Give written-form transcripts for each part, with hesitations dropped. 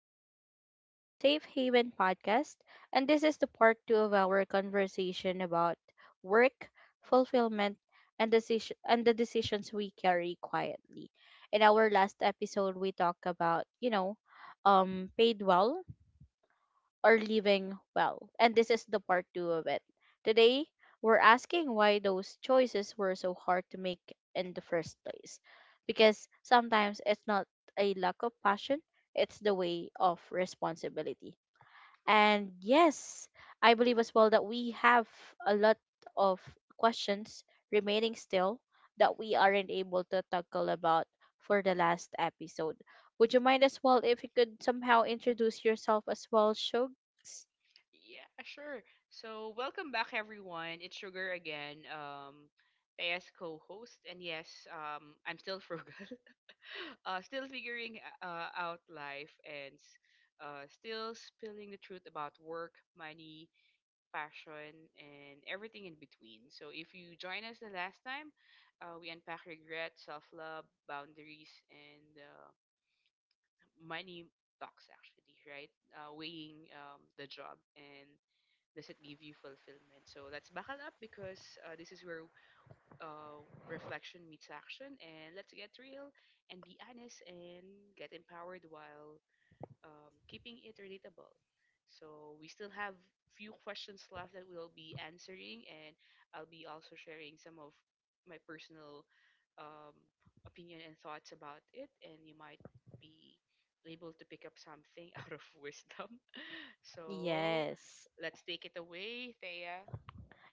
back to the Safe Haven podcast. And this is the part two of our conversation about work, fulfillment, and the decisions we carry quietly. In our last episode, we talked about, paid well or living well. And this is the part two of it. Today, we're asking why those choices were so hard to make in the first place. Because sometimes it's not a lack of passion, it's the way of responsibility. And yes, I believe as well that we have a lot of questions remaining still that Mhm. we aren't able to tackle about for the last episode. Would you mind as well if you could somehow introduce yourself as well, Shugs? Yeah, sure. So, welcome back, everyone. It's Sugar again, as co-host, and yes, I'm still frugal, still figuring out life, and still spilling the truth about work, money, passion, and everything in between. So, if you join us the last time, we unpack regret, self-love, boundaries, and money talks actually, right? Weighing, the job, and does it give you fulfillment? So let's buckle up, because this is where reflection meets action, and let's get real and be honest and get empowered while keeping it relatable. So we still have few questions left that we'll be answering, and I'll be also sharing some of my personal, um, opinion and thoughts about it, and you might be able to pick up something out of wisdom. So Yes. let's take it away, Thea.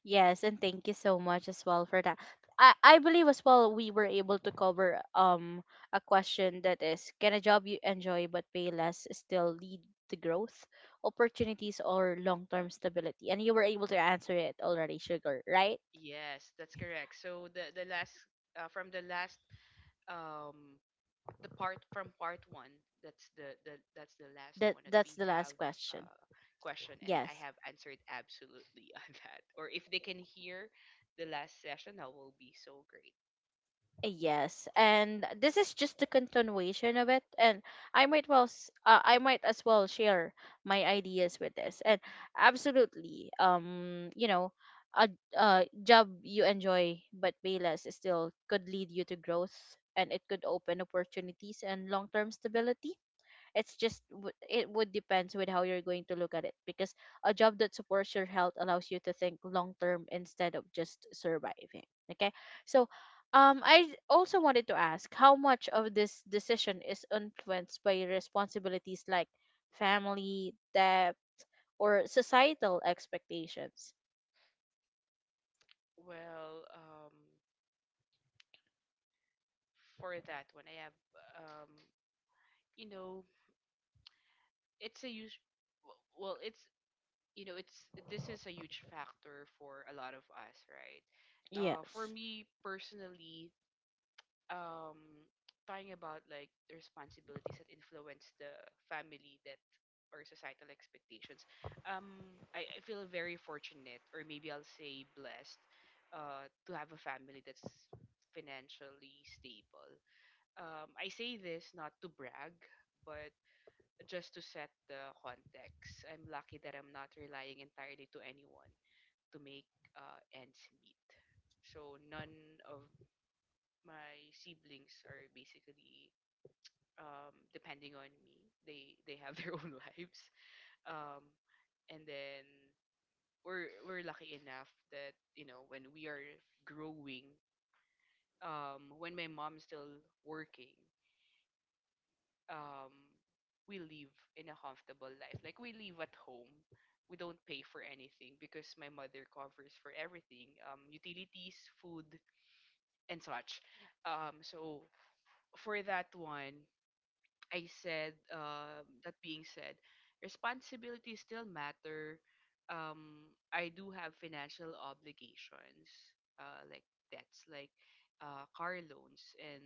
Yes, and thank you so much as well for that. I believe as well we were able to cover a question that is, can a job you enjoy but pay less still lead to growth, opportunities, or long term stability? And you were able to answer it already, Sugar, right? Yes, that's correct. So the last, from the last, um the part from part one, that's the that's the last That one that we that's the have, last question. uh, question, and I Yes. have answered absolutely on that. Or if they can hear the last session, that will be so great. Yes, and this is just the continuation of it, and I might as well share my ideas with this. And absolutely, a, a job you enjoy but pay less is still could lead you to growth, and it could open opportunities and long term stability. It's just it would depends with how you're going to look at it, because a job that supports your health allows you to think long term instead of just surviving. Okay. So I also wanted to ask, how much of this decision is influenced by responsibilities like family debt or societal expectations? Well, for that one I have, um you know it's a huge, well it's, it's, this is a huge factor for a lot of us, right? For Yes. me personally, um talking about, like, the responsibilities that influence the family, that, or societal expectations. I feel very fortunate, or maybe I'll say blessed, to have a family that's financially stable. I say this not to brag, but just to set the context. I'm lucky that I'm not relying entirely to anyone to make, ends meet. So none of my siblings are basically, depending on me. They have their own lives, um, and then we're lucky enough that, when we are growing, when my mom's still working, um, we live in a comfortable life. Like, we live at home. We don't pay for anything because my mother covers for everything: utilities, food, and such. So for that one, I said, that being said, responsibilities still matter. I do have financial obligations, like debts, like car loans, and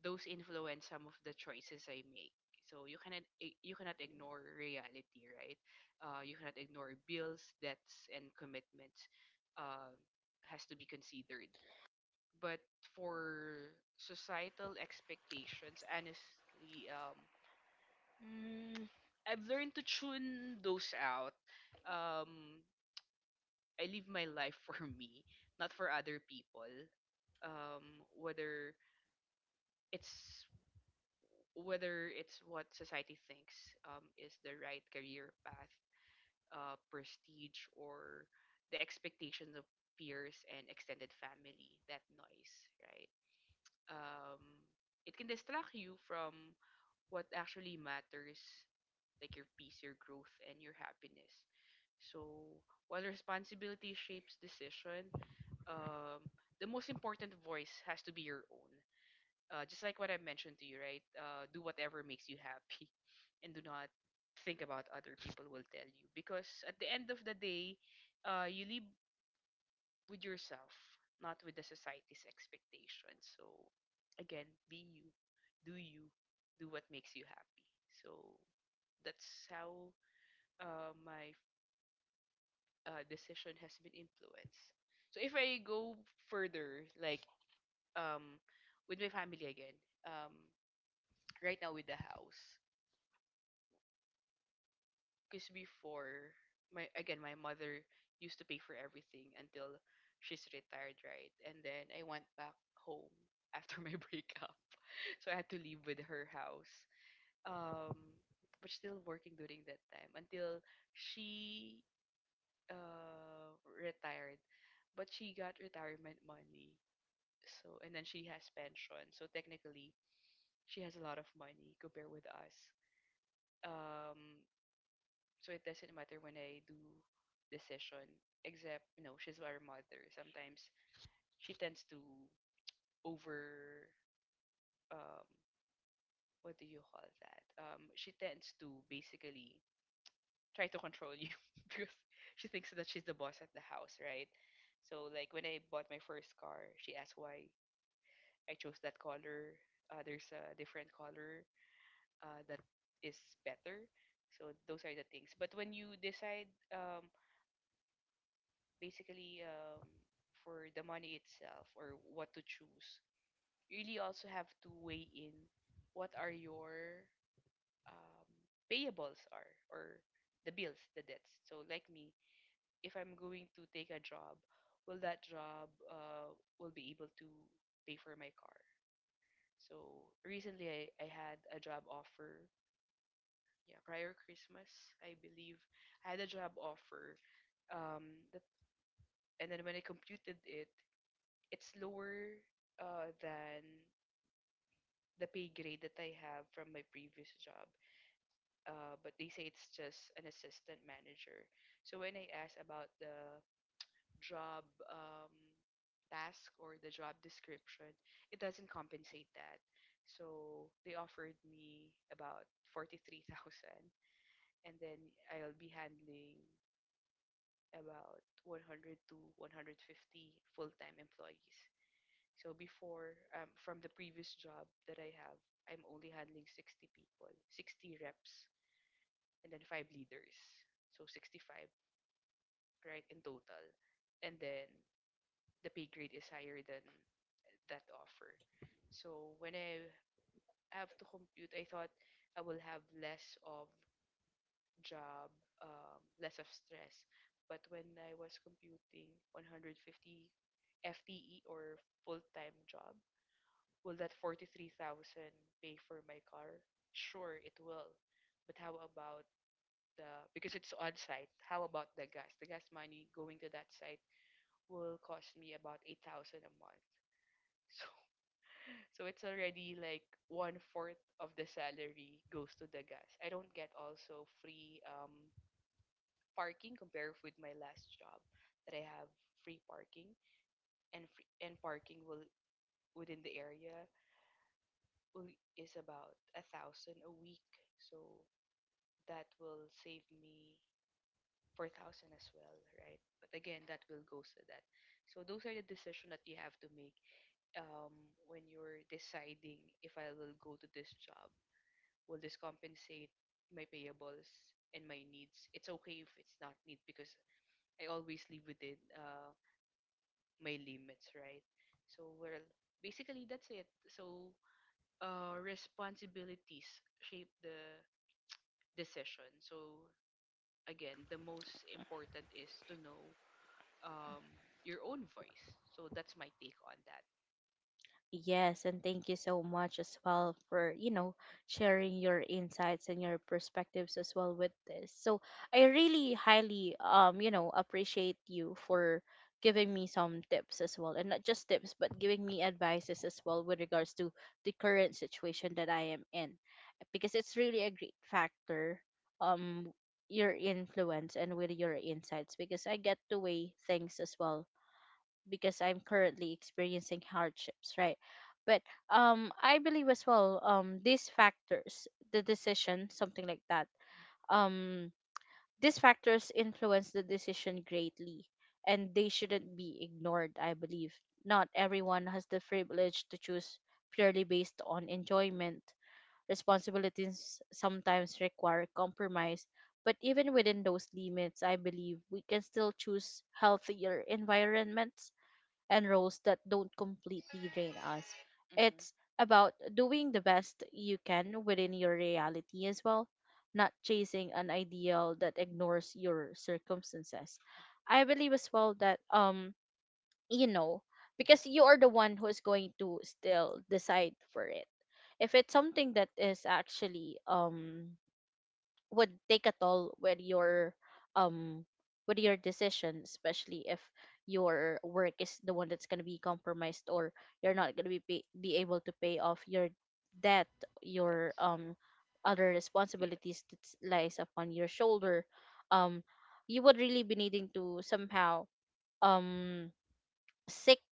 those influence some of the choices I make. So you cannot, you cannot ignore reality, right? You cannot ignore bills, debts, and commitments. Uh, has to be considered. But for societal expectations, honestly, Mm, I've learned to tune those out. Um, I live my life for me, not for other people. Um, whether it's whether it's what society thinks, is the right career path, prestige, or the expectations of peers and extended family — that noise, right? Um, it can distract you from what actually matters, like your peace, your growth, and your happiness. So, while responsibility shapes decision, um, the most important voice has to be your own. Just like what I mentioned to you, right? Do whatever makes you happy, and do not think about other people will tell you. Because at the end of the day, you live with yourself, not with the society's expectations. So, again, be you, do what makes you happy. So that's how, my decision has been influenced. So if I go further, like, um, with my family again, um, right now with the house, because before, my mother used to pay for everything until she's retired, right? And then I went back home after my breakup, so I had to leave with her house. Um, but still working during that time until she, retired. But she got retirement money, so, and then she has pension. So technically, she has a lot of money compared with us. Um, so it doesn't matter when I do decision, except, she's our mother. Sometimes she tends to over. Um, what do you call that? She tends to basically try to control you because she thinks that she's the boss at the house, right? So like when I bought my first car, she asked why I chose that color. There's a different color, that is better. So those are the things. But when you decide, basically, for the money itself or what to choose, you really also have to weigh in what are your, um, payables are, or the bills, the debts. So like me, if I'm going to take a job, will that job, will be able to pay for my car? So recently I had a job offer, yeah, prior Christmas, I believe, I had a job offer. That, and then when I computed it, it's lower, than the pay grade that I have from my previous job. But they say it's just an assistant manager. So when I asked about the job, task or the job description, it doesn't compensate that. So they offered me about 43,000, and then I'll be handling about 100 to 150 full-time employees. So before, from the previous job that I have, I'm only handling 60 people, 60 reps, and then five leaders. So 65, right, in total. And then the pay grade is higher than that offer. So when I have to compute, I thought I will have less of job, less of stress. But when I was computing 150 FTE or full-time job, will that 43,000 pay for my car? Sure, it will. But how about the, because it's on site, how about the gas? The gas money going to that site will cost me about 8,000 a month. So so it's already like one fourth of the salary goes to the gas. I don't get also free, parking, compared with my last job that I have free parking. And parking will, within the area, will, is about 1,000 a week, so that will save me 4,000 as well, right? But again that will go, so that, so those are the decision that you have to make, when you're deciding, if I will go to this job, will this compensate my payables and my needs? It's okay if it's not need, because I always live within, my limits, right? So, well, basically that's it. So, responsibilities shape the decision. So, again, the most important is to know, um, your own voice. So, that's my take on that. Yes, and thank you so much as well for, sharing your insights and your perspectives as well with this. So I really highly appreciate you for giving me some tips as well. And not just tips, but giving me advices as well with regards to the current situation that I am in. Because it's really a great factor, um, your influence and with your insights, because I get to weigh things as well because I'm currently experiencing hardships, right? But I believe as well, these factors, the decision, something like that. Um, these factors influence the decision greatly, and they Mm-hmm. shouldn't be ignored. I believe not everyone has the privilege to choose purely based on enjoyment. Responsibilities sometimes require compromise, but even within those limits, I believe we can still choose healthier environments and roles that don't completely drain us. It's Mm-hmm. about doing the best you can within your reality as well, not chasing an ideal that ignores your circumstances. I believe as well that, you know because you are the one who is going to still decide for it. If it's something that is actually, would take a toll with your, um with your decision, especially if your work is the one that's gonna be compromised, or you're not gonna be be able to pay off your debt, your That's, other yeah. responsibilities that lies upon your shoulder. Um, you would really be needing to somehow um seek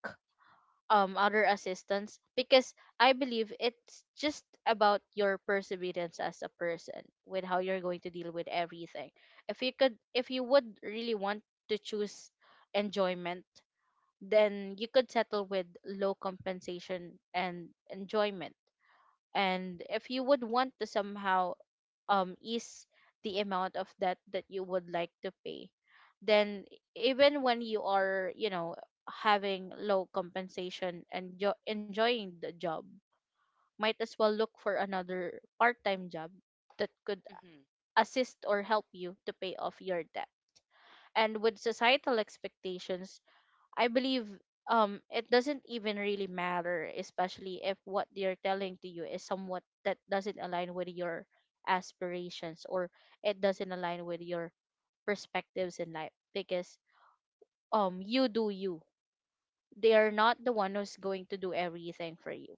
other assistance, because I believe it's just about your perseverance as a person with how you're going to deal with everything. If you would really want to choose enjoyment, then you could settle with low compensation and enjoyment. And if you would want to somehow ease the amount of debt that you would like to pay, then even when you are, having low compensation and enjoying the job, might as well look for another part-time job that could Mm-hmm. assist or help you to pay off your debt. And with societal expectations, I believe it doesn't even really matter, especially if what they're telling to you is somewhat that doesn't align with your aspirations, or it doesn't align with your perspectives in life. Because you do you. They are not the one who's going to do everything for you.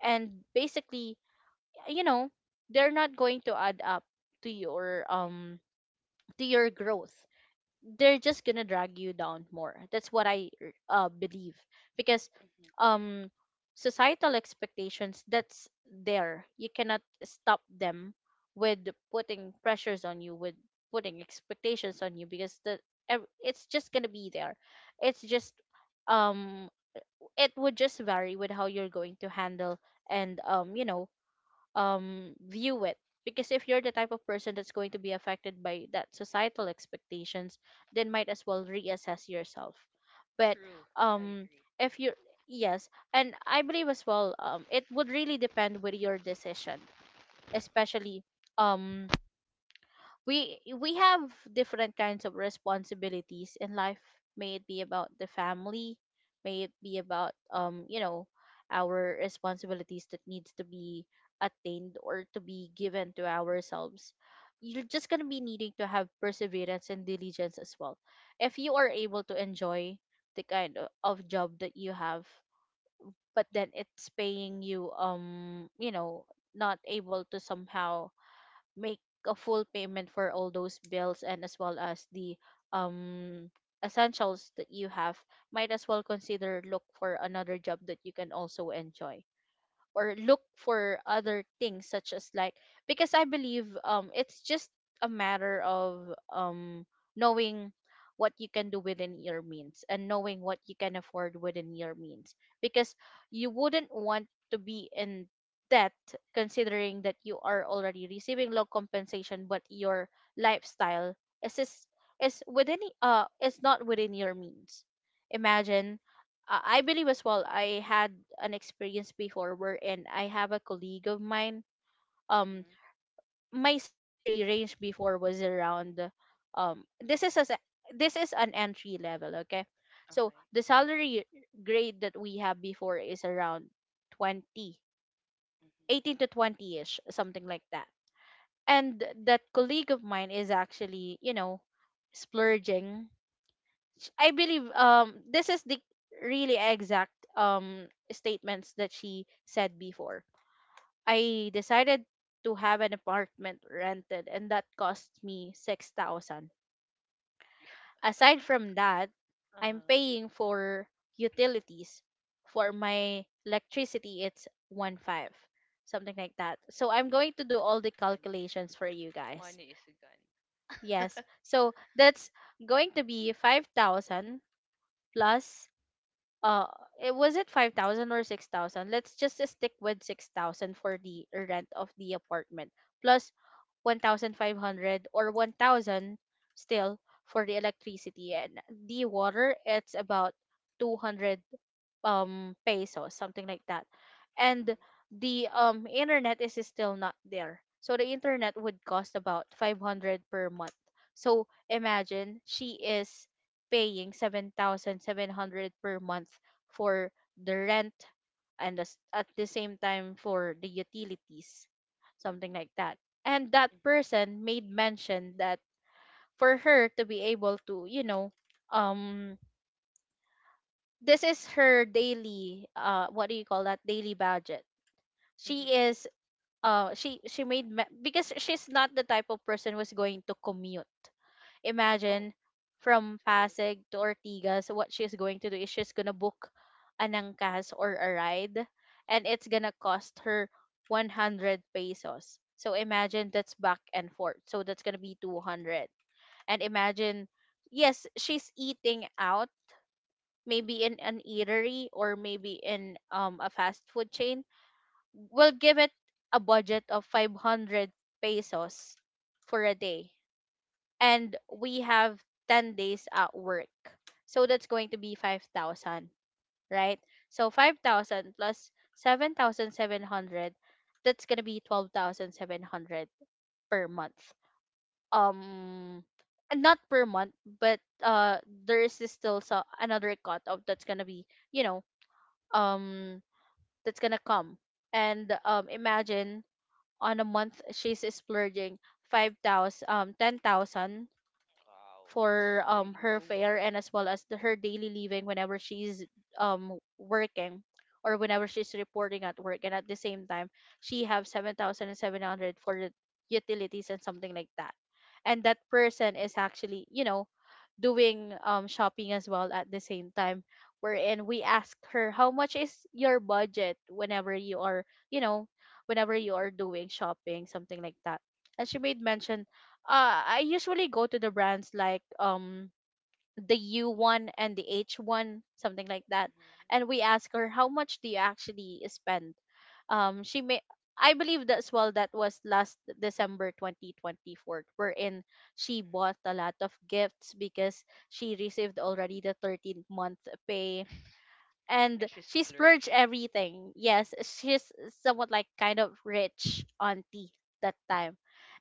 And basically, you know, they're not going to add up to your, to your growth. They're just gonna drag you down more. That's what I believe, because Mm-hmm. um societal expectations, that's there. You cannot stop them with putting pressures on you, with putting expectations on you, because the it's just gonna be there. It's just, um it would just vary with how you're going to handle and, view it. Because if you're the type of person that's going to be affected by that societal expectations, then might as well reassess yourself. But True. I um agree. if you yes, and I believe as well, it would really depend with your decision, especially, um we have different kinds of responsibilities in life. May it be about the family, may it be about, our responsibilities that needs to be attained or to be given to ourselves. You're just going to be needing to have perseverance and diligence as well. If you are able to enjoy the kind of job that you have, but then it's paying you, you know not able to somehow make a full payment for all those bills and as well as the um essentials that you have, might as well consider, look for another job that you can also enjoy, or look for other things such as like, because I believe it's just a matter of, knowing what you can do within your means, and knowing what you can afford within your means. Because you wouldn't want to be in debt, considering that you are already receiving low compensation but your lifestyle is is, is is not within your means. Imagine, I believe as well, I had an experience before, where, and I have a colleague of mine, um Mm-hmm. my salary range before was around, um this is as a, this is an entry level. Okay. So Okay. the salary grade that we have before is around 20, Mm-hmm. 18 to 20 ish something like that. And that colleague of mine is actually, you know, splurging. I believe this is the really exact statements that she said before. "I decided to have an apartment rented and that cost me 6,000. Yeah. Aside from that, I'm Uh-huh. paying for utilities. For my electricity, it's one five, Mm-hmm. something like that." So I'm going to do all the Money is calculations for you guys. money is a Yes. gun. So that's going to be 5,000 plus, uh it was it 5,000 or 6,000? Let's just stick with 6,000 for the rent of the apartment, plus 1,500 or 1,000, still, for the electricity. And the water, it's about 200, pesos, something like that. And the internet is still not there. So the internet would cost about 500 per month. So imagine, she is paying 7,700 per month for the rent and the, at the same time, for the utilities, something like that. And that Mm-hmm. person made mention that, for her to be able to, you know, um this is her daily, what do you call that, daily budget. She Mm-hmm. is, she made because she's not the type of person who's going to commute. Oh, Imagine, from so. Pasig to Ortigas, what she's going to do is, she's gonna book an angkas or a ride, and it's gonna cost her 100 pesos. So imagine, Mm-hmm. that's back and forth, so that's gonna be 200. And imagine, yes, she's eating out, maybe in an eatery or maybe in, a fast food chain. We will give it a budget of 500 pesos for a day, and we have 10 days at work, so that's going to be 5,000, right? So 5,000 plus 7,700, that's going to be 12,700 per month. um and not per month, but, there is still, so another cut of that's going to be, you know, um that's gonna come. And imagine, on a month she's splurging 5,000, 10,000 Wow, for, that's really her fare over. and as well as the, her daily living whenever she's working, or whenever she's reporting at work. And at the same time, she have 7,700 for the utilities and something like that. And that person is actually, you know, doing shopping as well at the same time, wherein we ask her, how much is your budget whenever you are, you know, whenever you are doing shopping, something like that? And she made mention, I usually go to the brands like, the U one and the H one, something like that. Mm-hmm, And we ask her, how much do you actually spend? She may, I believe that's, well, that was last December 2024, wherein she bought mm-hmm. a lot of gifts because she received already the 13th month pay, and And she she splurged splurged. everything. Mm-hmm, Yes, she's somewhat like kind of rich auntie that time.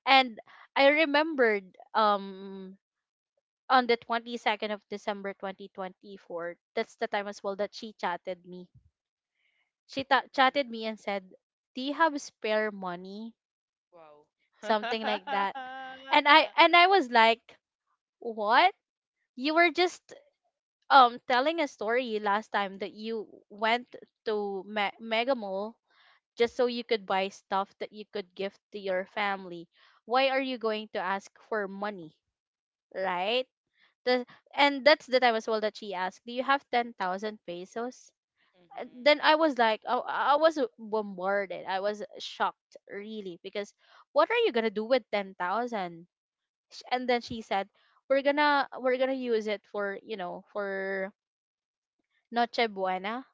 And I remembered on the 22nd of December 2024. That's the time as well that she chatted me. Chatted mm-hmm. me and said, "Do you have spare money?" Wow. Something like that. And I and Mm-hmm. I was like, "What? You were just telling a story last time that you went to Mega Mall just so you could buy stuff that you could give to your family. Why are you going to ask for money?" Right? The, and that's the time as well that she asked, "Do you have 10,000 pesos?" And then I was like, I was bombarded. I was shocked, really, because what are you gonna do with 10,000? And then she said, "We're gonna use it for for Noche Buena,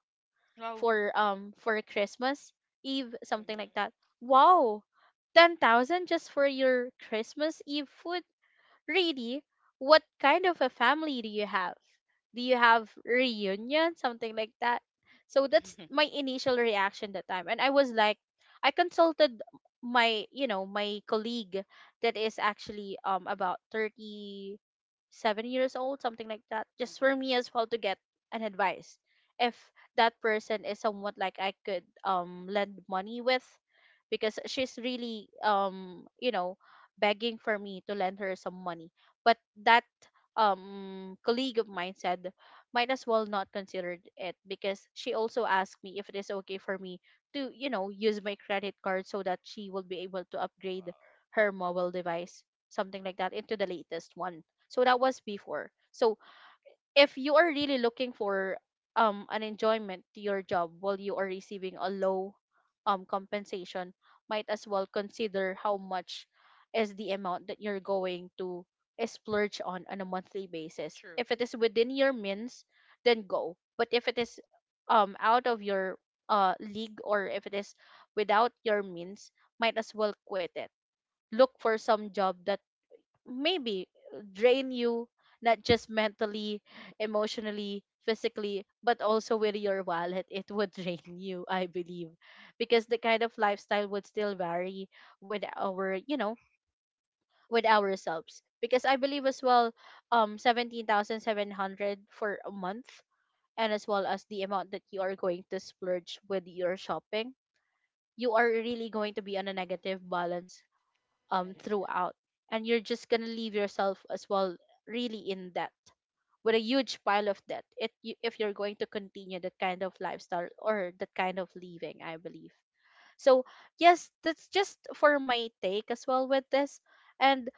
Wow. For Christmas Eve, something like Mm-hmm. that." Wow, 10,000 just for your Christmas Eve food? Really? What kind of a family do you have? Do you have reunion, something like that? So that's my initial reaction that time, and I was like, I consulted my my colleague that is actually about 37 years old, something like that, just for me Mm-hmm. as well to get an advice if that person is somewhat like I could lend money with, because she's really begging for me to lend her some money. But that colleague of mine said, might as well not consider it, because she also asked me if it is okay for me to use my credit card so that she will be able to upgrade Wow. her mobile device, something like that, into the latest one. So that was before. So if you are really looking for an enjoyment to your job while you are receiving a low compensation, might as well consider how much is the amount that you're going to splurge on a monthly basis. True. If it is within your means, then go. But if it is out of your league, or if it is without your means, might as well quit it. Look for some job that maybe drain you not just mentally, emotionally, physically, but also with your wallet. It would drain you, I believe, because the kind of lifestyle would still vary with our with ourselves. Because I believe as well, 17,700 for a month, and as well as the amount that you are going to splurge with your shopping, you are really going to be on a negative balance That is correct. throughout, and you're just going to leave yourself as well really in debt, with a huge pile of debt, if you're going to continue that kind of lifestyle or that kind of living, I believe. So yes, that's just for my take as well with this. And,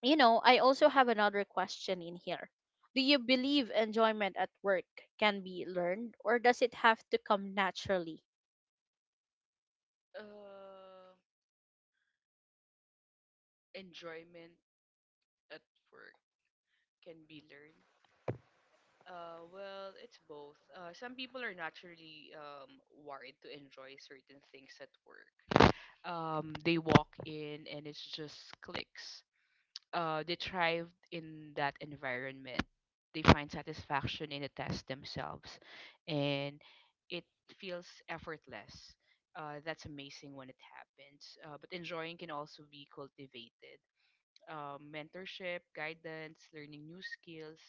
you know, I also have another question in here. Do you believe enjoyment at work can be learned, or does it have to come naturally? Uh, Enjoyment at work can be learned. Well, it's both. Some people are naturally, wired to enjoy certain things at work. They walk in and it's just clicks. They thrived in that environment. They find satisfaction in the test themselves, and it feels effortless. That's amazing when it happens. But enjoying can also be cultivated. Mentorship, guidance, learning new skills,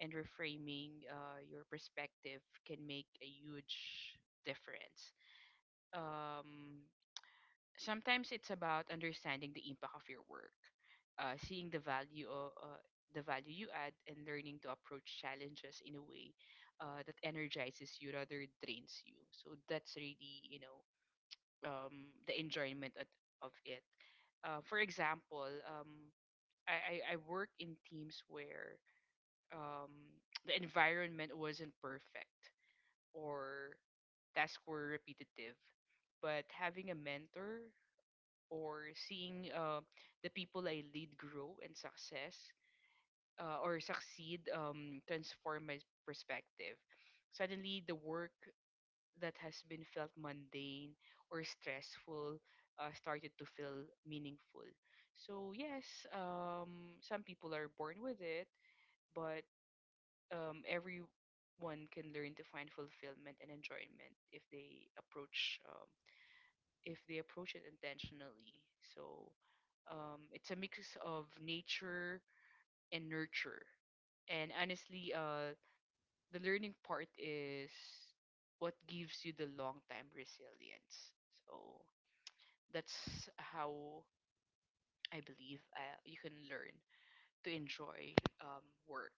and reframing, your perspective can make a huge difference. Um, Sometimes it's about understanding the impact of your work, seeing the value you add, and learning to approach challenges in a way, that energizes you rather drains you. So that's really, the enjoyment at, of it. For example, I work in teams where, the environment wasn't perfect or tasks were repetitive, but having a mentor or seeing, the people I lead grow and success or succeed, transform my perspective. Suddenly, the work that has been felt mundane or stressful, started to feel meaningful. So yes, some people are born with it, but, everyone can learn to find fulfillment and enjoyment if they approach, if they approach it intentionally. So, it's a mix of nature and nurture. And honestly, the learning part is what gives you the long time resilience. So that's how I believe, you can learn to enjoy, work.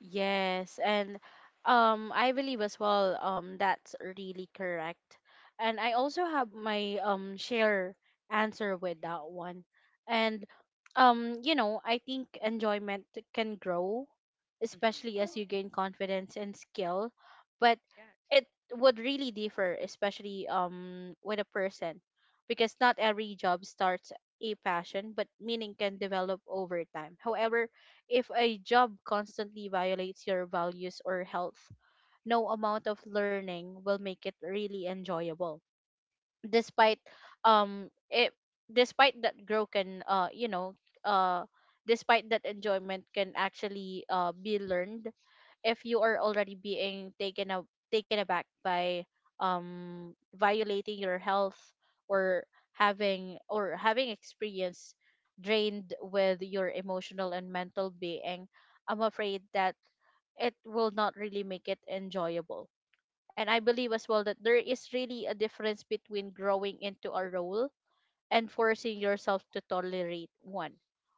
Yes, and I believe as well, that's really correct. And I also have my share answer with that one. And you know, I think enjoyment can grow, especially Mm-hmm. as you gain confidence and skill, but Yes. Yes. it would really differ, especially with a person, because not every job starts a passion, but meaning can develop over time. However, if a job constantly violates your values or health, no amount of learning will make it really enjoyable. despite um it despite that growth can uh you know uh Despite that, enjoyment can actually be learned. If you are already being taken aback by violating your health, or having experience drained with your emotional and mental being, I'm afraid that it will not really make it enjoyable. And I believe as well that there is really a difference between growing into a role and forcing yourself to tolerate one.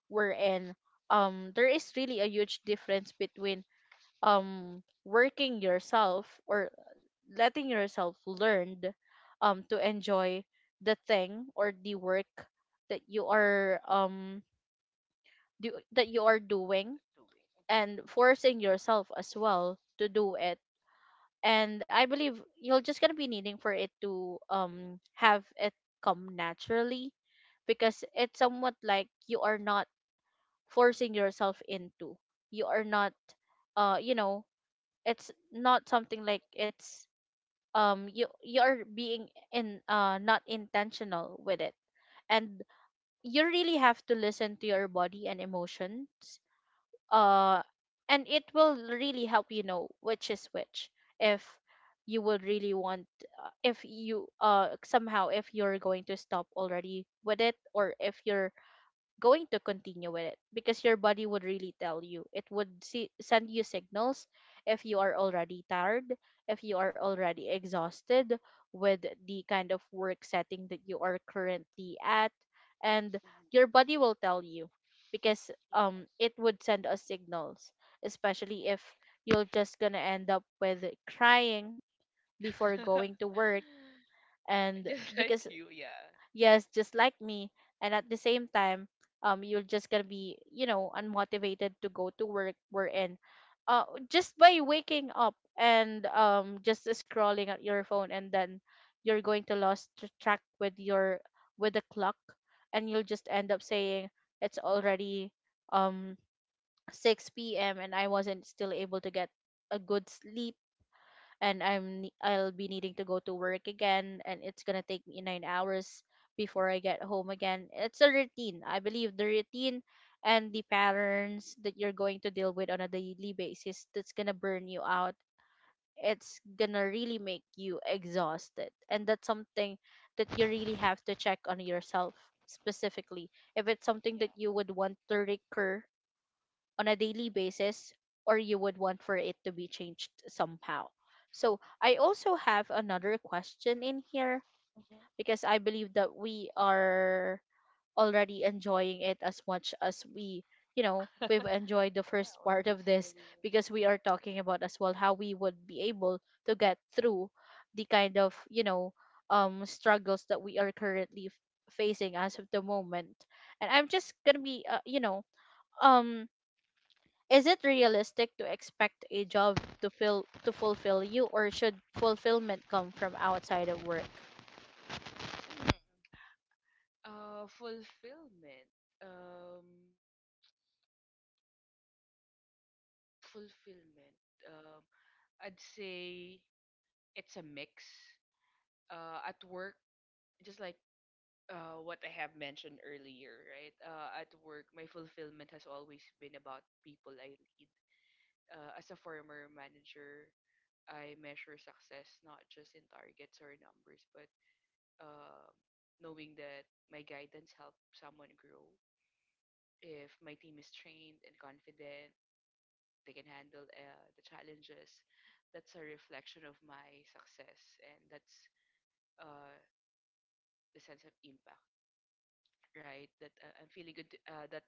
Wherein there is really a huge difference between working yourself, or letting yourself learn to enjoy the thing or the work that you are that you are doing, Doing. and forcing yourself as well to do it. And I believe you're just gonna be needing for it to have it come naturally, because it's somewhat like you are not forcing yourself into, you are not uh you know it's not something like it's you are being in not intentional with it. And you really have to listen to your body and emotions, uh and it will really help you know which is which. If you would really want, if you somehow, if you're going to stop already with it, or if you're going to continue with it, because your body would really tell you. Send you signals if you are already tired, if you are already exhausted with the kind of work setting that you are currently at, and your body will tell you, because it Hmm. would send us signals, especially if you're just gonna end up with crying before Hmm. going Yes. to work. And Just like because, you, yeah. yes, just like me. And at the same time, you're just gonna be, you know, unmotivated to go to work, we're in just by waking up and just scrolling at your phone, and then you're going to lose track with your, with the clock, and you'll just end up saying it's already um 6 p.m. and I wasn't still able to get a good sleep, and I'll be needing to go to work again, and it's gonna take me 9 hours before I get home again. It's a routine. I believe the routine and the patterns that you're going to deal with on a daily basis, that's gonna burn you out. It's gonna really make you exhausted. And that's something that you really have to check on yourself specifically, if it's something that you would want to recur on a daily basis, or you would want for it to be changed somehow. So I also have another question in here, Yeah. because I believe that we are already enjoying it as much as we, you know, we've enjoyed the Yeah, first or part of basically. this, because we are talking about as well how we would be able to get through the kind of, you know, struggles that we are currently facing as of the moment. And I'm just going to be you know, um is it realistic to expect a job to fill to fulfill you, or should fulfillment come from outside of work? Hmm. Fulfillment. Um Fulfillment. Um I'd say it's a mix. At work, just like what I have mentioned earlier, right? At work my fulfillment has always been about people I lead. As a former manager, I measure success not just in targets or numbers, but, um knowing that my guidance helped someone grow. If my team is trained and confident, they can handle, the challenges. That's a reflection of my success, and that's, uh, the sense of impact, right? That, I'm feeling good. That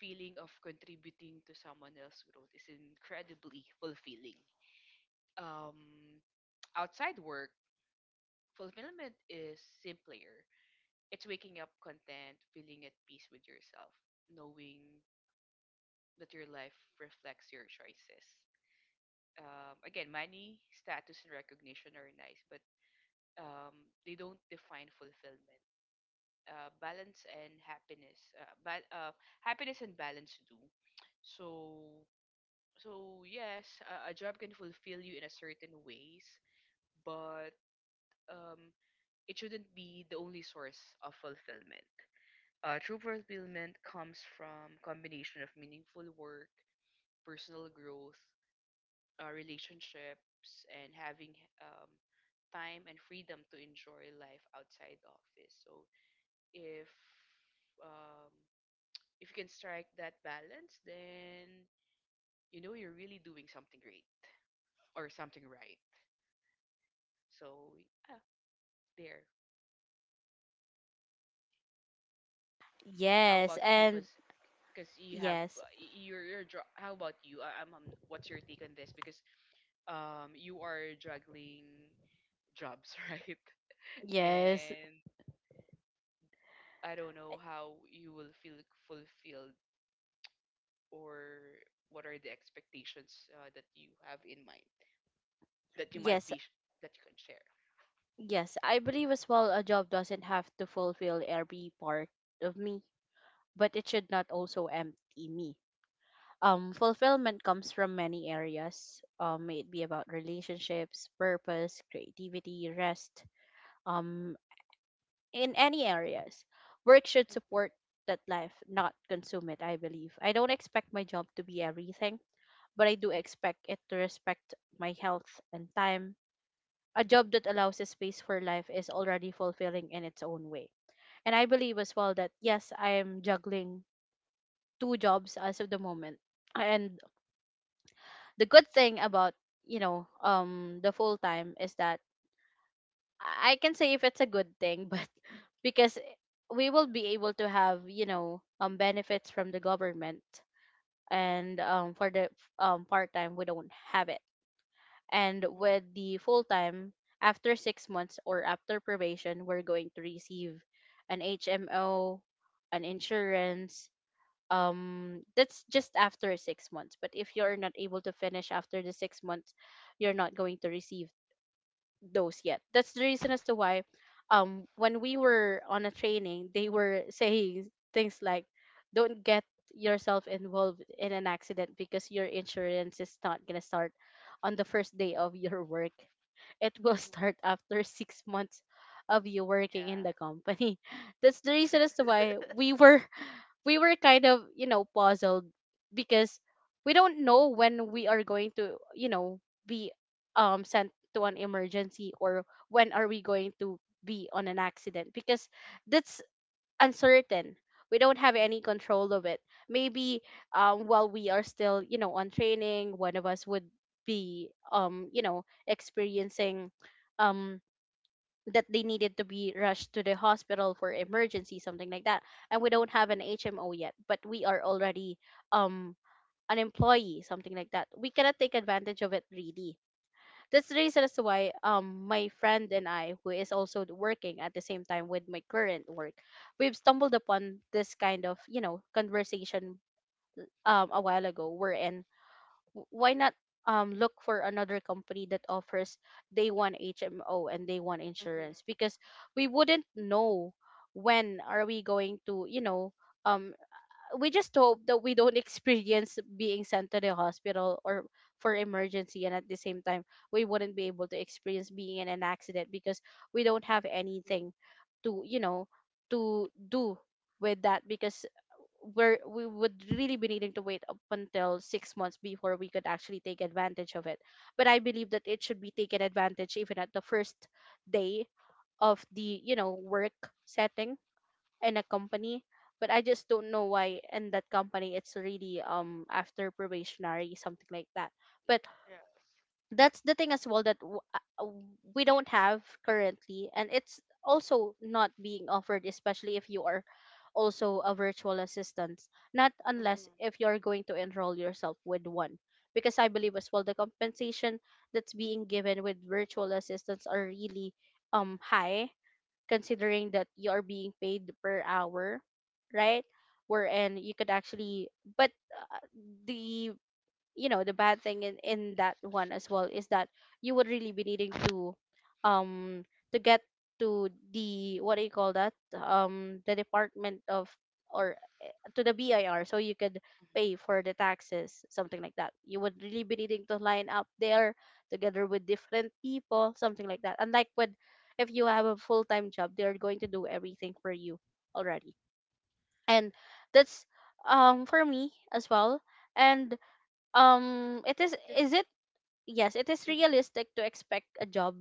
feeling of contributing to someone else's growth is incredibly fulfilling. Um, Outside work, fulfillment is simpler. It's waking up content, feeling at peace with yourself, knowing that your life reflects your choices. Again, money, status, and recognition are nice, but um, they don't define fulfillment. Balance and happiness, happiness and balance do. So, so yes, a job can fulfill you in a certain ways, but um, it shouldn't be the only source of fulfillment. True fulfillment comes from combination of meaningful work, personal growth, relationships and having um, time and freedom to enjoy life outside the office. So if um, if you can strike that balance, then you know you're really doing something great or something right. So yeah, there. How Yes, about you? and Because you have yes. How about you? I, I'm, I what's your take on this? Because you are juggling jobs, right? Yes. And I don't know how you will feel fulfilled or what are the expectations that you have in mind that you might Yes. be that you can share. Yes, I believe as well, a job doesn't have to fulfill every part of me, but it should not also empty me. Fulfillment comes from many areas. May it be about relationships, purpose, creativity, rest, um in any areas. Work should Mhm, support that life, not consume it, I believe. I don't expect my job to be everything, but I do expect it to respect my health and time. A job that allows a space for life is already fulfilling in its own way. And I believe as well that yes, I am juggling two jobs as of the moment. And the good thing about, you know, the full time is that I can say if it's a good thing, but because we will be able to have, you know, benefits from the government, mhm, and for the part time we don't have it. And mhm, with the full time, after 6 months or after probation, we're going to receive an HMO, an insurance, that's just after 6 months. But if you're not able to finish after the 6 months, you're not going to receive those yet. That's the reason as to why when we were on a training, they were saying things like, don't get yourself involved in an accident, because your insurance is not going to start on the first day of your work. It will mhm. start after 6 months of you working in Yeah. the company. That's the reason as to why we were kind of puzzled, because we don't know when we are going to be sent to an emergency, or when are we going to be on an accident, because that's uncertain. We don't have any control of it. Maybe while we are still on training, one of us would be experiencing um that they needed to be rushed to the hospital for Mhm, emergency, something like that, and we don't have an HMO yet but we are already um an employee, something like that. We cannot take advantage of it really. That's the reason as to why, my friend and I, who is also working at the same time with my current work, we've stumbled upon this kind of conversation a while ago. We why not look for another company that offers day one HMO and day one mhm, insurance? Because we wouldn't know when are we going to um we just hope that we don't experience being sent to the hospital or for emergency, and at the same time, we wouldn't be able to experience being in an accident, because we don't have mhm. anything to to do with that, because we would really be needing to wait up until 6 months before we could actually take advantage of it. But I believe that it should be taken advantage even at the first day of the work setting in a company. But I just don't know why in that company it's really, after probationary, something like that. But Yes. that's the thing as well, that we don't have currently, and it's also not being offered, especially if you are also a virtual assistant, not unless Mhm, if you're going to enroll yourself with one. Because I believe as well, the compensation that's being given with virtual assistants are really high, considering that you are being paid per hour, right? Wherein you could actually, but the the bad thing in that one as well, is that you would really be needing um, to get to the what do you call that? The department of, or to the BIR, so you could mhm, pay for the taxes, something like that. You would really be needing to line up there together with different people, something like that. Unlike with, if you have a full time job, they're going to do everything for you already. And that's for me as well. And it Just is the, it yes, it is mhm. realistic to expect a job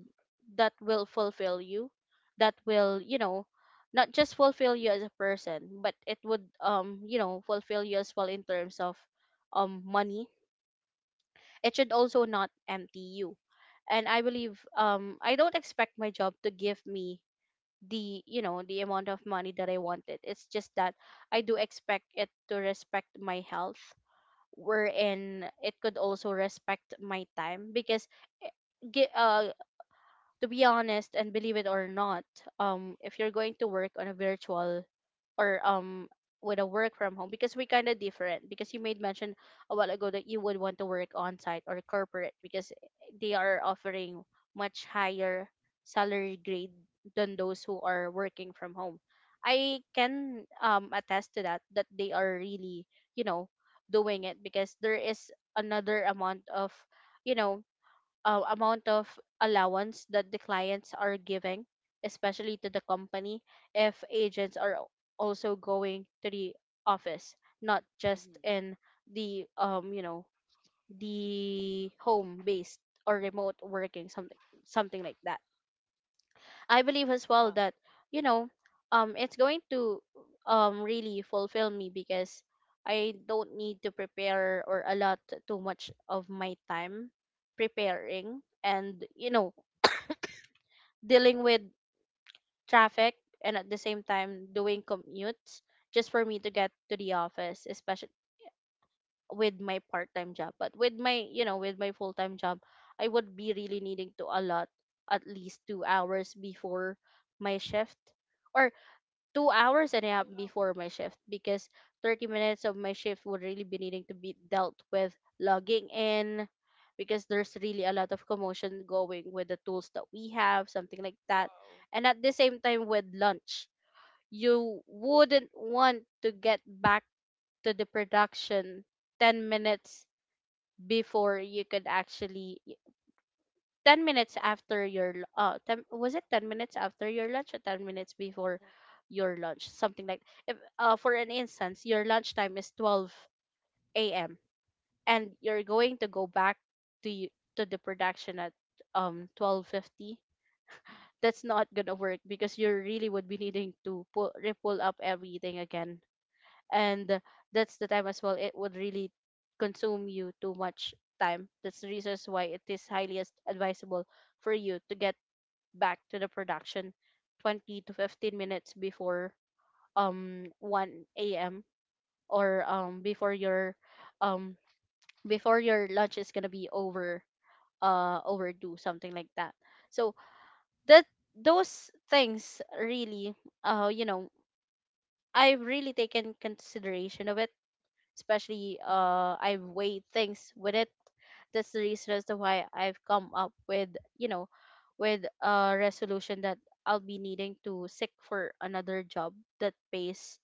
that will fulfill you, that will, you know, not just fulfill you as a person, but it would you know, fulfill you as well in terms of money. It should also not empty you. And I believe, I don't expect my job to give me the the amount of money that I wanted. It's just that I do expect it to respect my health, wherein it could also respect my time. Because eh, gi- uh, to be honest and believe it or not, if you're going to work on a virtual or with a work from home, because we kind of different, because you made mention a while ago that you would want to work on site or corporate because they are offering much higher salary grade than those who are working from home. I can attest to that, that they are really, you know, doing it, because there is another amount of, you know, amount of allowance that the clients are giving, especially to the company, if agents are also going to the office, not just Mhm. in the you know, the home based or remote working something, something like that. I believe as well Uh-huh. that, you know, it's going to really fulfill me, because I don't need to prepare or allot too much of my time preparing and, you know, dealing with traffic, and at the same time doing commutes, just for me to get to the office, especially with my part-time job. But with my, you Mhm, know, with my full-time job, I would be really needing to allot at least 2 hours before my shift or. 2 hours and a two half before my hours. shift, because 30 minutes of my shift would really be needing to be dealt with logging in, because there's really a lot of commotion going with the tools that we have, something like that. Wow. And at the same time, with lunch, you wouldn't want to get back to the production 10 minutes before you could actually 10, was it 10 minutes after your lunch or 10 minutes before Mhm, your lunch, something like, if for an instance your lunch time is 12 a.m and you're going to go back to to the production at 12:50, that's not gonna work, because you really would be needing to pull up everything again, and that's the time as well it would really consume you too much time. That's the reasons why it is highly advisable for you to get back to the production 20 to 15 minutes before 1 a.m. or um before your lunch is gonna be over, overdue, something like that. So, that, those things really, you know, I've really taken consideration of it, especially, mhm, I weigh things with it. That's the reason as to why I've come up with, you know, with a resolution that I'll be needing to seek for another job that pays,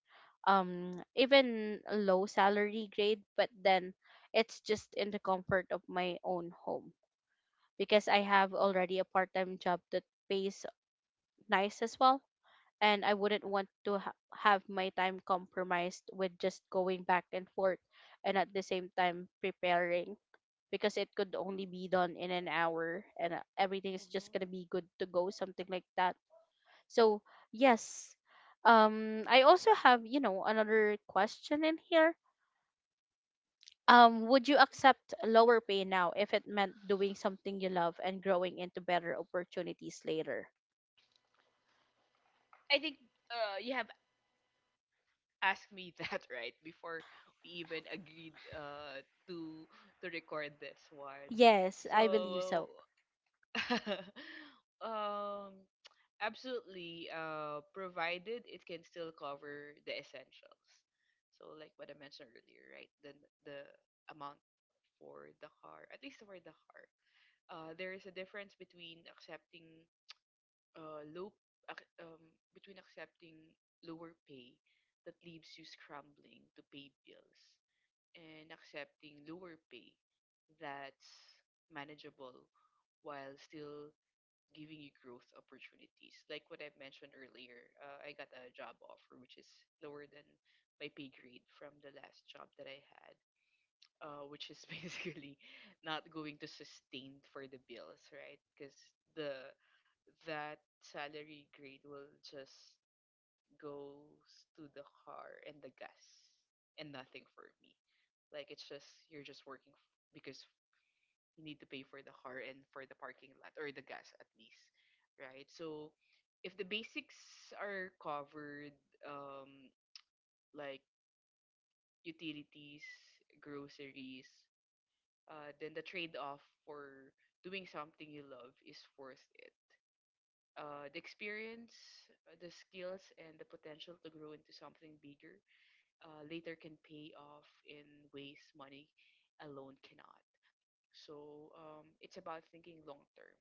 even a low salary grade, but then it's just in the comfort of my own home, because I have already a part-time job that pays nice as well, and I wouldn't want to have my time compromised with just going back and forth, and at the same time preparing, because it could only be done in an hour and, everything is just going mhm. to be good to go, something like that. So, yes. I also have, you know, another question in here. Would you accept lower pay now if it meant doing something you love and growing into better opportunities later? I think you have asked me that right before we even agreed to to record this one. Yes, I believe So so. um absolutely provided it can still cover the essentials. So like what I mentioned earlier, right? The amount for the car, at least for the car. Uh, there is a difference between accepting uh, low ac- um, between accepting lower pay that leaves you scrambling to pay bills and accepting lower pay that's manageable while still giving you growth opportunities. Like what I mentioned earlier, I got a job offer which is lower than my pay grade from the last job that I had, which is basically not going to sustain for the bills, right? Because the that salary grade will just goes to the car and the gas and nothing for me. Like it's just you're just working because you need to pay for the car and for the parking lot or the gas at least, right? So if the basics are covered, um, like utilities, groceries, then the trade-off for doing something you love is worth it. The experience, the skills, and the potential to grow into something bigger later can pay off in ways money alone cannot. So it's about thinking long term.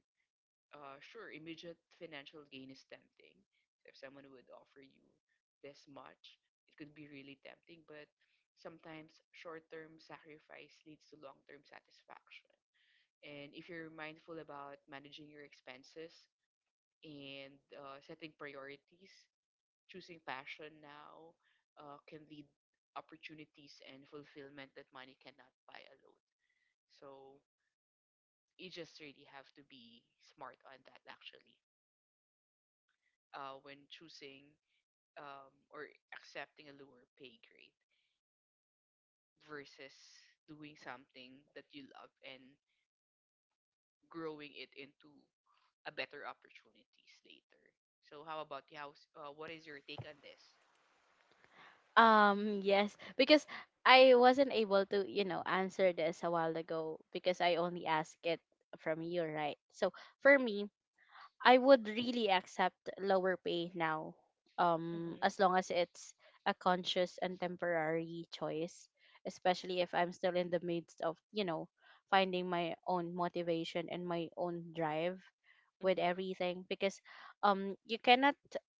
Sure, immediate financial gain is tempting. If someone would offer you this much, it could be really tempting, but sometimes short term sacrifice leads to long term satisfaction. And if you're mindful about managing your expenses and setting priorities, choosing passion now can lead opportunities and fulfillment that money cannot buy alone. So you just really have to be smart on that actually when choosing or accepting a lower pay grade versus doing something that you love and growing it into a better opportunities later. So how about you? What is your take on this? Yes, because I wasn't able to, you know, answer this a while ago because I only asked it from you, right? So for me, I would really accept lower pay now, Mm-hmm. as long as it's a conscious and temporary choice, especially if I'm still in the midst of, you know, finding my own motivation and my own drive with Mm-hmm. everything. Because you cannot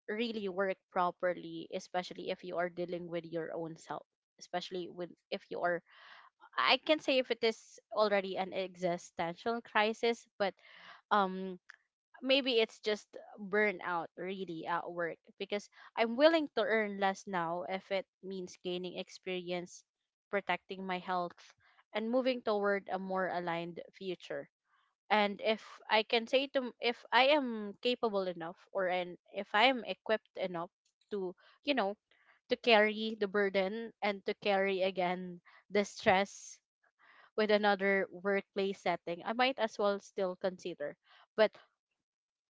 really work properly, especially if you are dealing with your own self, especially with, if you are, I can say, if it is already an existential crisis. But um maybe it's just burnout really at work. Because I'm willing to earn less now if it means gaining experience, protecting my health, and moving toward a more aligned future. And if I can say to m- if I am capable enough, or and if I am equipped enough to, you know, to carry the burden and to carry again the stress with another workplace setting, I might as well still consider. But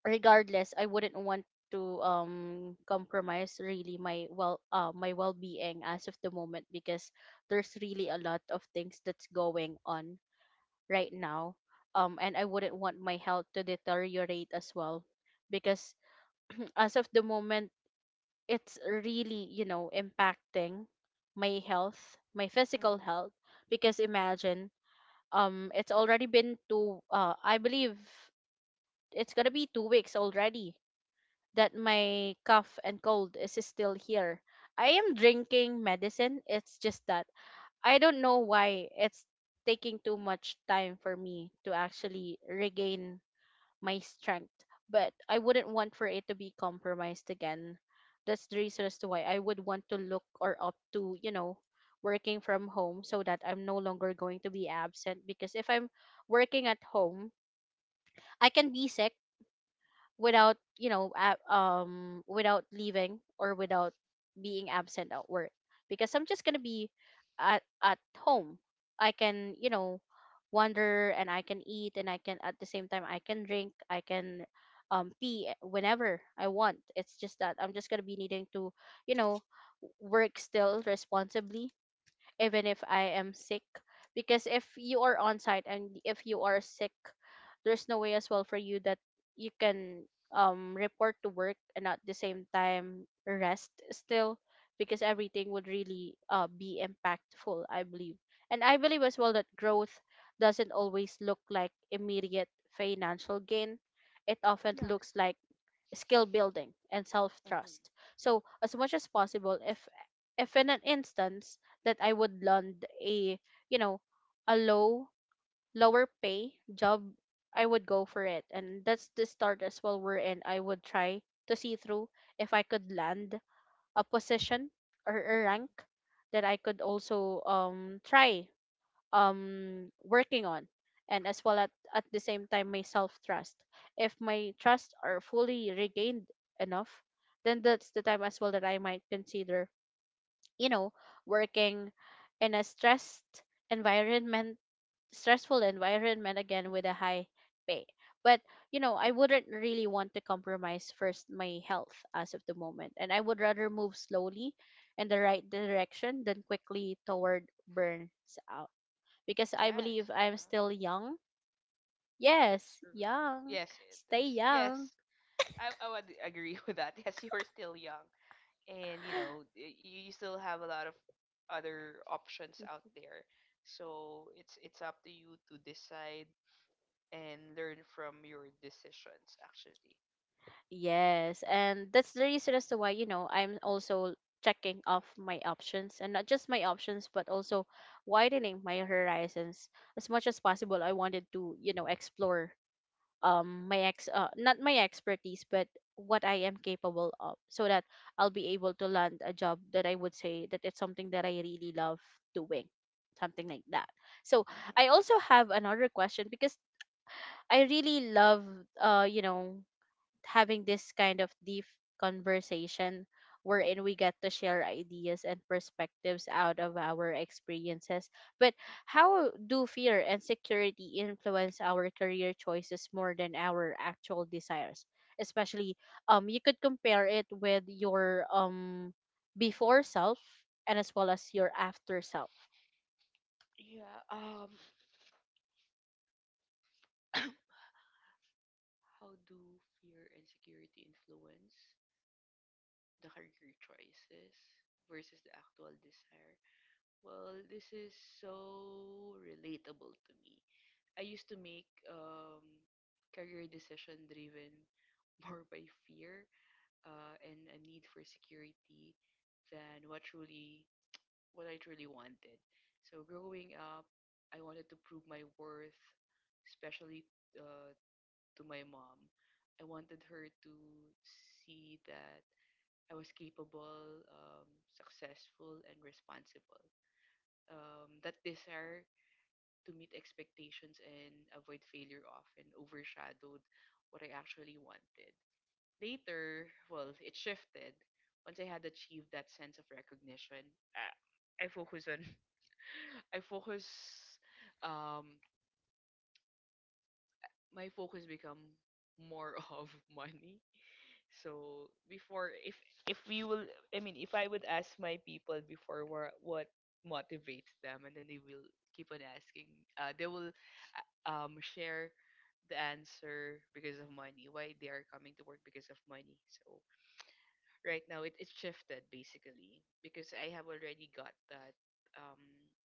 regardless, I wouldn't want to compromise really my my well-being as of the moment, because there's really a lot of things that's going on right now, and I wouldn't want my health to deteriorate as well, because as of the moment it's really, you know, impacting my health, my physical health. Because imagine, it's already been two I believe it's gonna be 2 weeks already that my cough and cold is still here. I am drinking medicine. It's just that I don't know why it's taking too much time for me to actually regain my strength. But I wouldn't want for it to be compromised again. That's the reason as to why I would want to look or opt to, you know, working from home, so that I'm no longer going to be absent. Because if I'm working at home, I can be sick without, you know, without leaving or without being absent at work, because I'm just gonna be at home. I can, you know, wander, and I can eat, and I can, at the same time, I can drink, I can pee whenever I want. It's just that I'm just gonna be needing to, you know, work still responsibly, even if I am sick. Because if you are on site and if you are sick, there's no way as well for you that you can report to work and at the same time rest still, because everything would really, be impactful, I believe. And I believe as well that growth doesn't always look like immediate financial gain. It often Yes. looks like skill building and self trust. Mm-hmm. So as much as possible, if in an instance that I would land a, you know, a lower pay job, I would go for it. And that's the start as well we're in. I would try to see through if I could land a position or a rank Mm-hmm. that I could also try working on, and as well at the same time, my self trust. If my trust are fully regained enough, then that's the time as well that I might consider, you know, working in a stressed environment stressful environment again, with a Mm-hmm. high pay. But you know, I wouldn't really want to compromise first my health as of the moment, and I would rather move slowly in the right direction than quickly toward burns out because I Yes. believe I'm Uh-huh. still young. That's Yes, true. young. Yes, it Stay is. Yes. young. I would agree with that. Yes, you are still young. And, you know, you still have a lot of other options out there. So it's up to you to decide and learn from your decisions, actually. Yes, and that's the reason as to why, you know, I'm also checking off my options and not just my options, but also widening my horizons as much as possible. I wanted to, you know, explore my ex not my expertise, but what I am capable of so that I'll be able to land a job that I would say that it's something that I really love doing, something like that. So, Mm-hmm. I also have another question because I really love you know having this kind of deep conversation wherein we Mm-hmm. get to share ideas and perspectives out of our experiences. But how do fear and security influence our career choices more than our actual desires? Especially, you could compare it with your before self and as well as your after self. Yeah. How do fear and security influence the career choices versus the actual desire? Well, this is so relatable to me. I used to make career decision driven more by fear and a need for security than what I truly wanted. So growing up, I wanted to prove my worth, especially uh, to my mom. I wanted her to see that I was capable, successful, and responsible. That desire to meet expectations and avoid failure often overshadowed what I actually wanted. Later, well, it shifted. Once I had achieved that sense of recognition, uh, I focus on, I focus, um, my focus become more of money. So before, if we will, I mean, if I would ask my people before what motivates them, and then they will keep on asking, they will share the answer because of money. Why they are coming to work because of money. So right now it's shifted basically because I have already got that um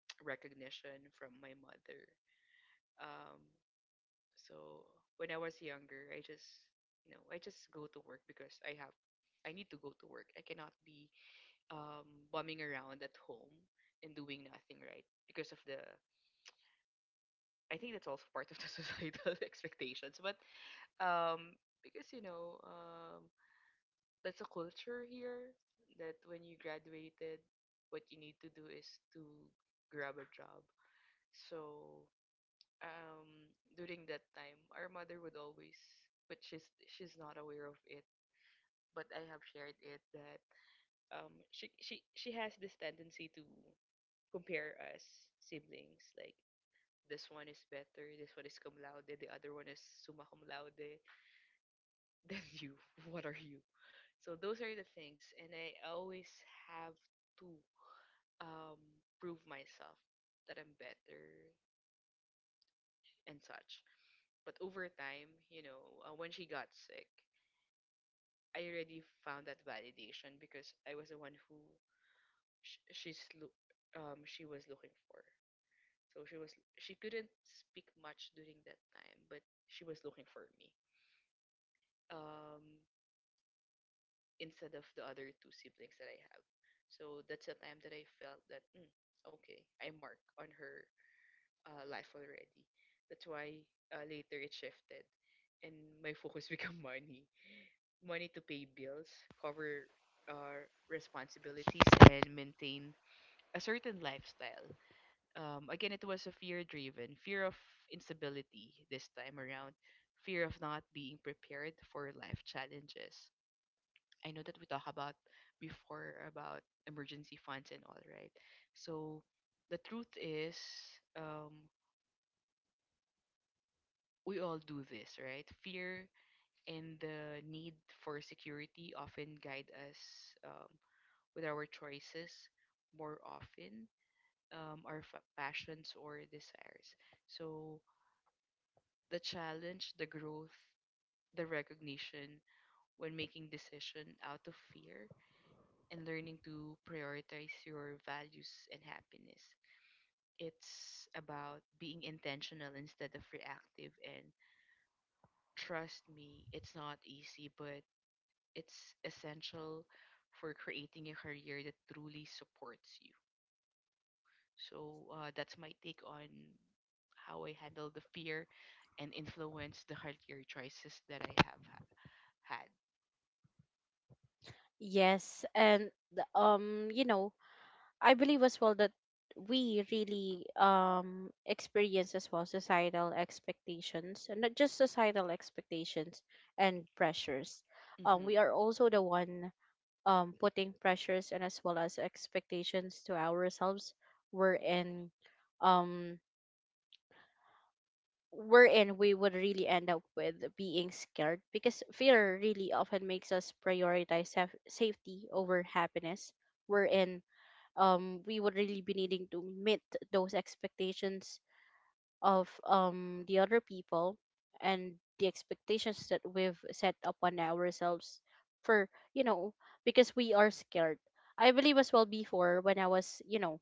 recognition from my mother. Um, so when I was younger, I just I just go to work because I have I need to go to work. I cannot be bumming around at home and doing nothing, right? Because of the I think that's also part of the societal expectations. But because you know that's a culture here that when you graduated, what you need to do is to grab a job. So um during that time our mother would always, but she's not aware of it, but I have shared it that she has this tendency to compare us siblings, like this one is better, this one is cum laude, the other one is summa cum laude, then you, what are you? So those are the things, and I always have to um prove myself that I'm better and such. But over time, you know, when she got sick, I already found that validation because I was the one who sh- she's loo she was looking for. So she was, she couldn't speak much during that time, but she was looking for me. Um, Instead of the other two siblings that I have. So that's the time that I felt that mm, okay, I mark on her life already. That's why later it shifted, and my focus became money. Money to pay bills, cover responsibilities, and maintain a certain lifestyle. Again, it was a fear driven, fear of instability this time around, fear of not being prepared for life challenges. I know that we talked about before about emergency funds and all, right? So the truth is, um, we all do this, right? Fear and the need for security often guide us. Um, with our choices more often, our fa- passions or desires. So the challenge, the growth, the recognition when making decision out of fear and learning to prioritize your values and happiness. It's about being intentional instead of reactive, and trust me, it's not easy, but it's essential for creating a career that truly supports you. So that's my take on how I handle the fear and influence the healthier choices that I have had. Yes, you know, I believe as well that we really experience as well societal expectations and not just societal expectations and pressures. Mm-hmm. We are also the one putting pressures and as well as expectations to ourselves wherein um wherein we would really end up with being scared because fear really often makes us prioritize safety over happiness wherein we would really be needing to meet those expectations of the other people and the expectations that we've set upon ourselves for, you know, because we are scared. I believe as well before when I was, you know,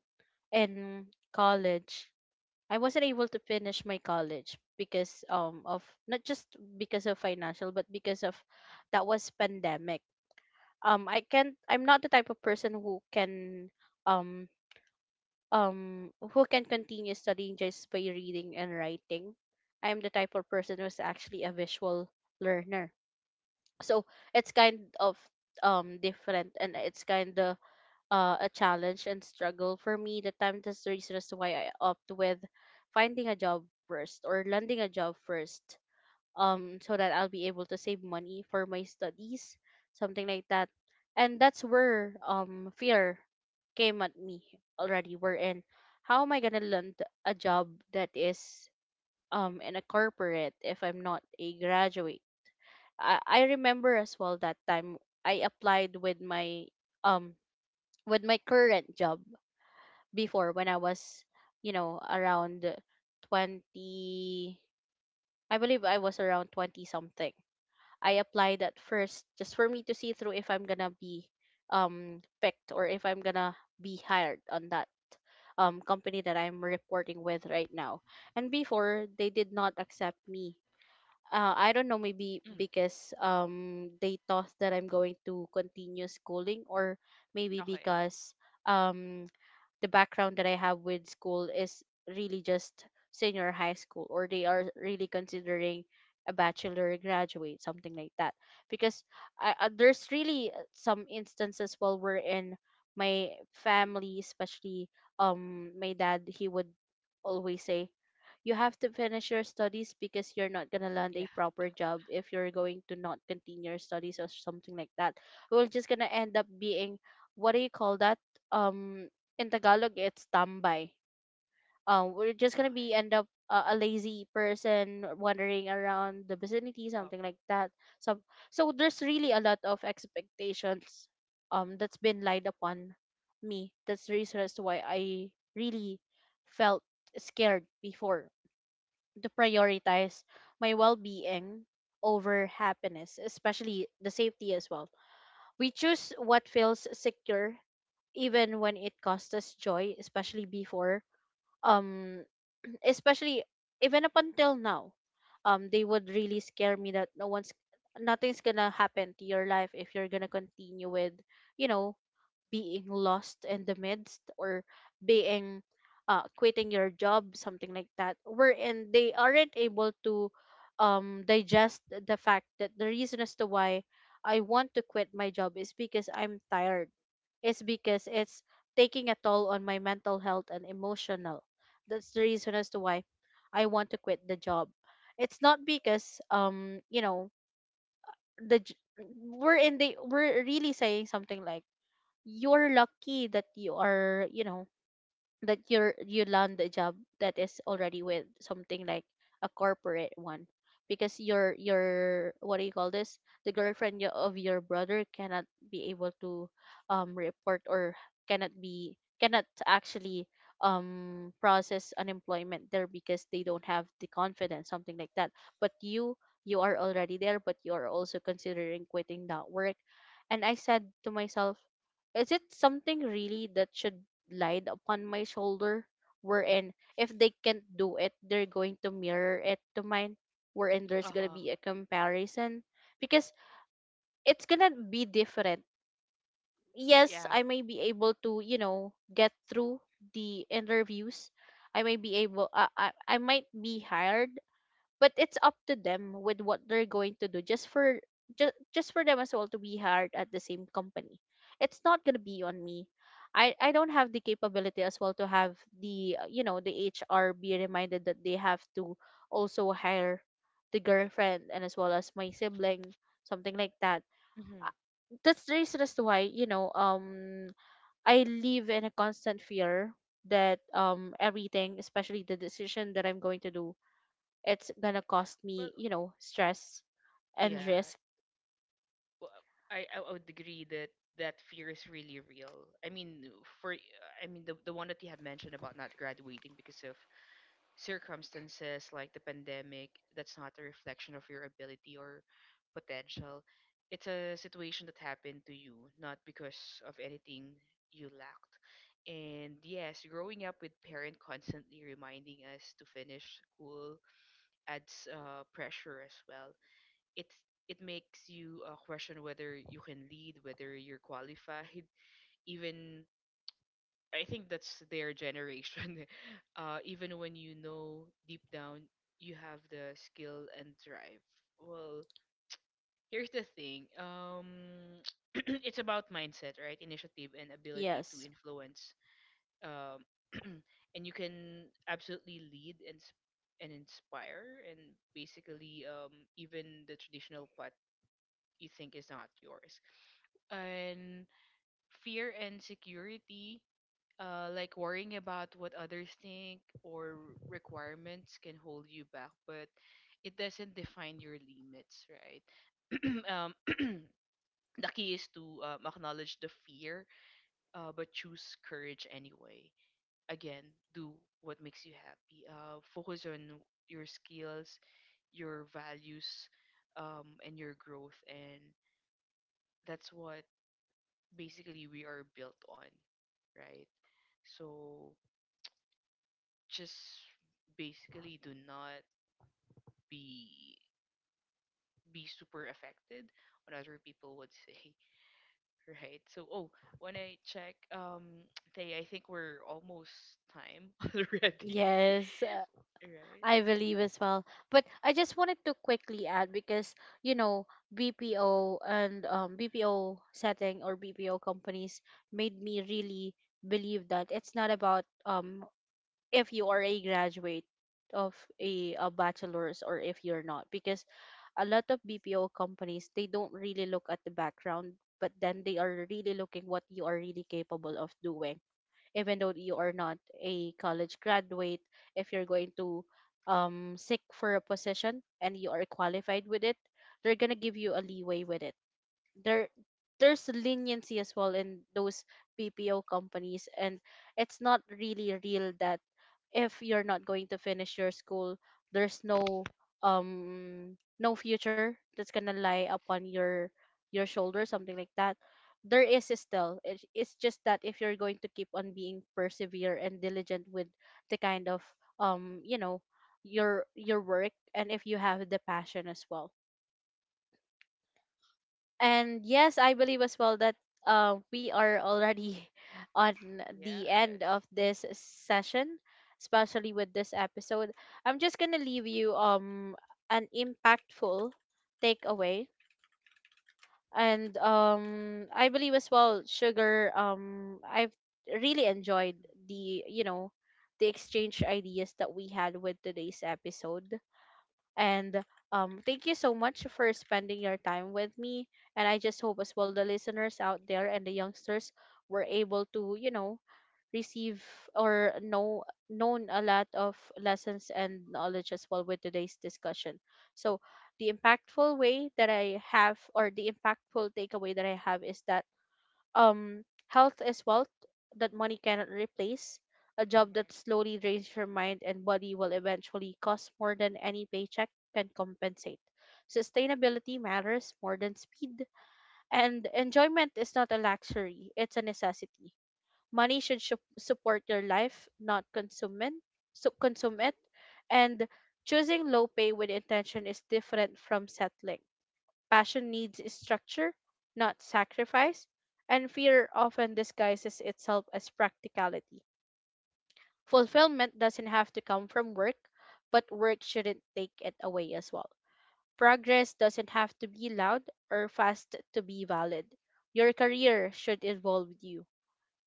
in college, I wasn't able to finish my college because of not just because of financial but because of that was pandemic. I'm not the type of person um who can continue studying just by reading and writing. I'm the type of person who's actually a visual learner. So it's kind of different, and it's kind of a challenge and struggle for me. The time, that's the reason as to why I opt with finding a job first or landing a job first, so that I'll be able to save money for my studies, something like that. And that's where fear came at me already. We're how am I gonna land a job that is in a corporate if I'm not a graduate? I remember as well that time I applied um with my current job before when I was, you know, around 20. I believe I was around 20 something. I applied that first just for me to see through if I'm gonna be picked or if I'm gonna be hired on that company that I'm reporting with right now. And before they did not accept me. I don't know, maybe Mm. because they thought that I'm going to continue schooling, or maybe Okay. because um the background that I have with school is really just senior high school, or they are really considering a bachelor graduate, something like that. Because there's really some instances while we're in my family, especially my dad, he would always say, "You have to finish your studies because you're not gonna land Yeah. a proper job if you're going to not continue your studies or something like that. We're just gonna end up being what do you call that? Um, in Tagalog it's tambay. We're just gonna be Okay. end up a lazy person wandering around the vicinity, Um. something like that. So, so there's really a lot of expectations that's been laid upon me. That's the reason as to why I really felt scared before to prioritize my well-being over happiness, especially the safety as well. We choose what feels secure even when it costs us joy, especially before, um especially even up until now. Um, they would really scare me that no one's nothing's gonna happen to your life if you're gonna continue with, you know, being lost in the midst or being quitting your job, something like that, wherein they aren't able to digest the fact that the reason as to why I want to quit my job is because I'm tired. It's because it's taking a toll on my mental health and emotional. That's the reason as to why I want to quit the job. It's not because, you know, the j- we're in the we're really saying something like, you're lucky that you are, you know, that you're you land a job that is already with something like a corporate one, because your what do you call this, the girlfriend of your brother cannot be able to report, or cannot actually process unemployment there because they don't have the confidence, something like that. But you are already there, but you are also considering quitting that work. And I said to myself, is it something really that should lied upon my shoulder, wherein if they can't do it, they're going to mirror it to mine, wherein there's Uh gonna huh. be a comparison, because it's gonna be different? Yes, Yeah. I may be able to, you know, get through the interviews. I may be able uh, I might be hired, but it's up to them with what they're going to do just for just for them as well to be hired at the same company. It's not going to be on me. I don't have the capability as well to have the you know, the HR be reminded that they have to also hire the girlfriend and as well as my sibling, something like that. Mm-hmm. Uh, that's the reason as to why, you know, I live in a constant fear that everything, especially the decision that I'm going to do, it's gonna cost me, Well. you know, stress and Yeah. risk. Well, I would agree that that fear is really real. I mean, for, I mean, the one that you have mentioned about not graduating because of circumstances like the pandemic, that's not a reflection of your ability or potential. It's a situation that happened to you, not because of anything you lacked. And yes, growing up with parent constantly reminding us to finish school adds pressure as well. It's it makes you question whether you can lead, whether you're qualified, even, I think that's their generation. Even when you know deep down you have the skill and drive. Well, here's the thing. It's about mindset, right? Initiative and ability to Yes. influence. Um, and you can absolutely lead and and inspire, and basically, even the traditional path you think is not yours. And fear and security, like worrying about what others think or requirements can hold you back, but it doesn't define your limits, right? um, the key is to acknowledge the fear, but choose courage anyway. Again, do what makes you happy. Focus on your skills, your values, and your growth, and that's what basically we are built on, right? So just basically do not be be super affected what other people would say. Right, so oh, when I check they, I think we're almost time already. Yes, Right, I believe as well. But I just wanted to quickly add because, you know, BPO and BPO setting or BPO companies made me really believe that it's not about if you are a graduate of a bachelor's or if you're not, because a lot of BPO companies, they don't really look at the background, but then they are really looking what you are really capable of doing even though you are not a college graduate. If you're going to seek for a position and you are qualified with it, they're going to give you a leeway with it. There there's leniency as well in those BPO companies, and it's not really real that if you're not going to finish your school, there's no no future that's gonna lie upon your shoulder, something like that. There is still, it's just that if you're going to keep on being persevere and diligent with the kind of you know, your work, and if you have the passion as well. And yes, I believe as well that, we are already on the end yes. of this session, especially with this episode. I'm just gonna leave you an impactful takeaway, and I believe as well, sugar. I've really enjoyed the, you know, the exchange ideas that we had with today's episode, and thank you so much for spending your time with me. And I just hope as well the listeners out there and the youngsters were able to, you know, receive or know known a lot of lessons and knowledge as well with today's discussion. So the impactful way that I have or the impactful takeaway that I have is that, health is wealth that money cannot replace. A Mhm, job mhm. that slowly drains your mind and body will eventually cost more than any paycheck can compensate. Sustainability matters more than speed, and enjoyment is not a luxury, it's a necessity. Money should support your life, not consume it, so consume So, it. And choosing low pay with intention is different from settling. Passion needs structure, not sacrifice, and fear often disguises itself as practicality. Fulfillment doesn't have to come from work, but work shouldn't take it away as well. Progress doesn't have to be loud or fast to be valid. Your career should involve you,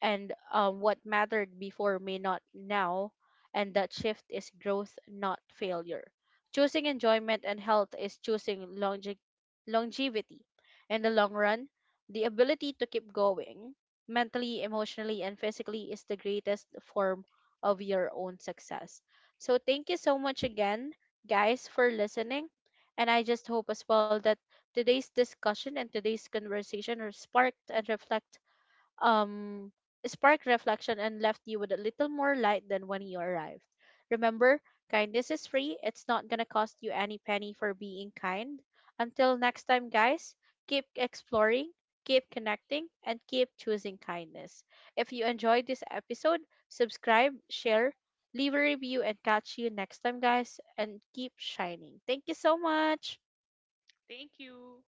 and what mattered before may not now, and that shift is growth, not failure. Choosing enjoyment and health is choosing longevity. In the long run, the ability to keep going mentally, emotionally, and physically is the greatest form of your own success. So, thank you so much again, guys, for listening. And I just hope as well that today's discussion and today's conversation are sparked and reflected, um, sparked reflection and left you with a little more light than when you arrived. Remember, kindness is free. It's not going to cost you any penny for being kind. Until next time, guys, keep exploring, keep connecting, and keep choosing kindness. If you enjoyed this episode, subscribe, share, leave a review, and catch you next time, guys, and keep shining. Thank you so much. thank you.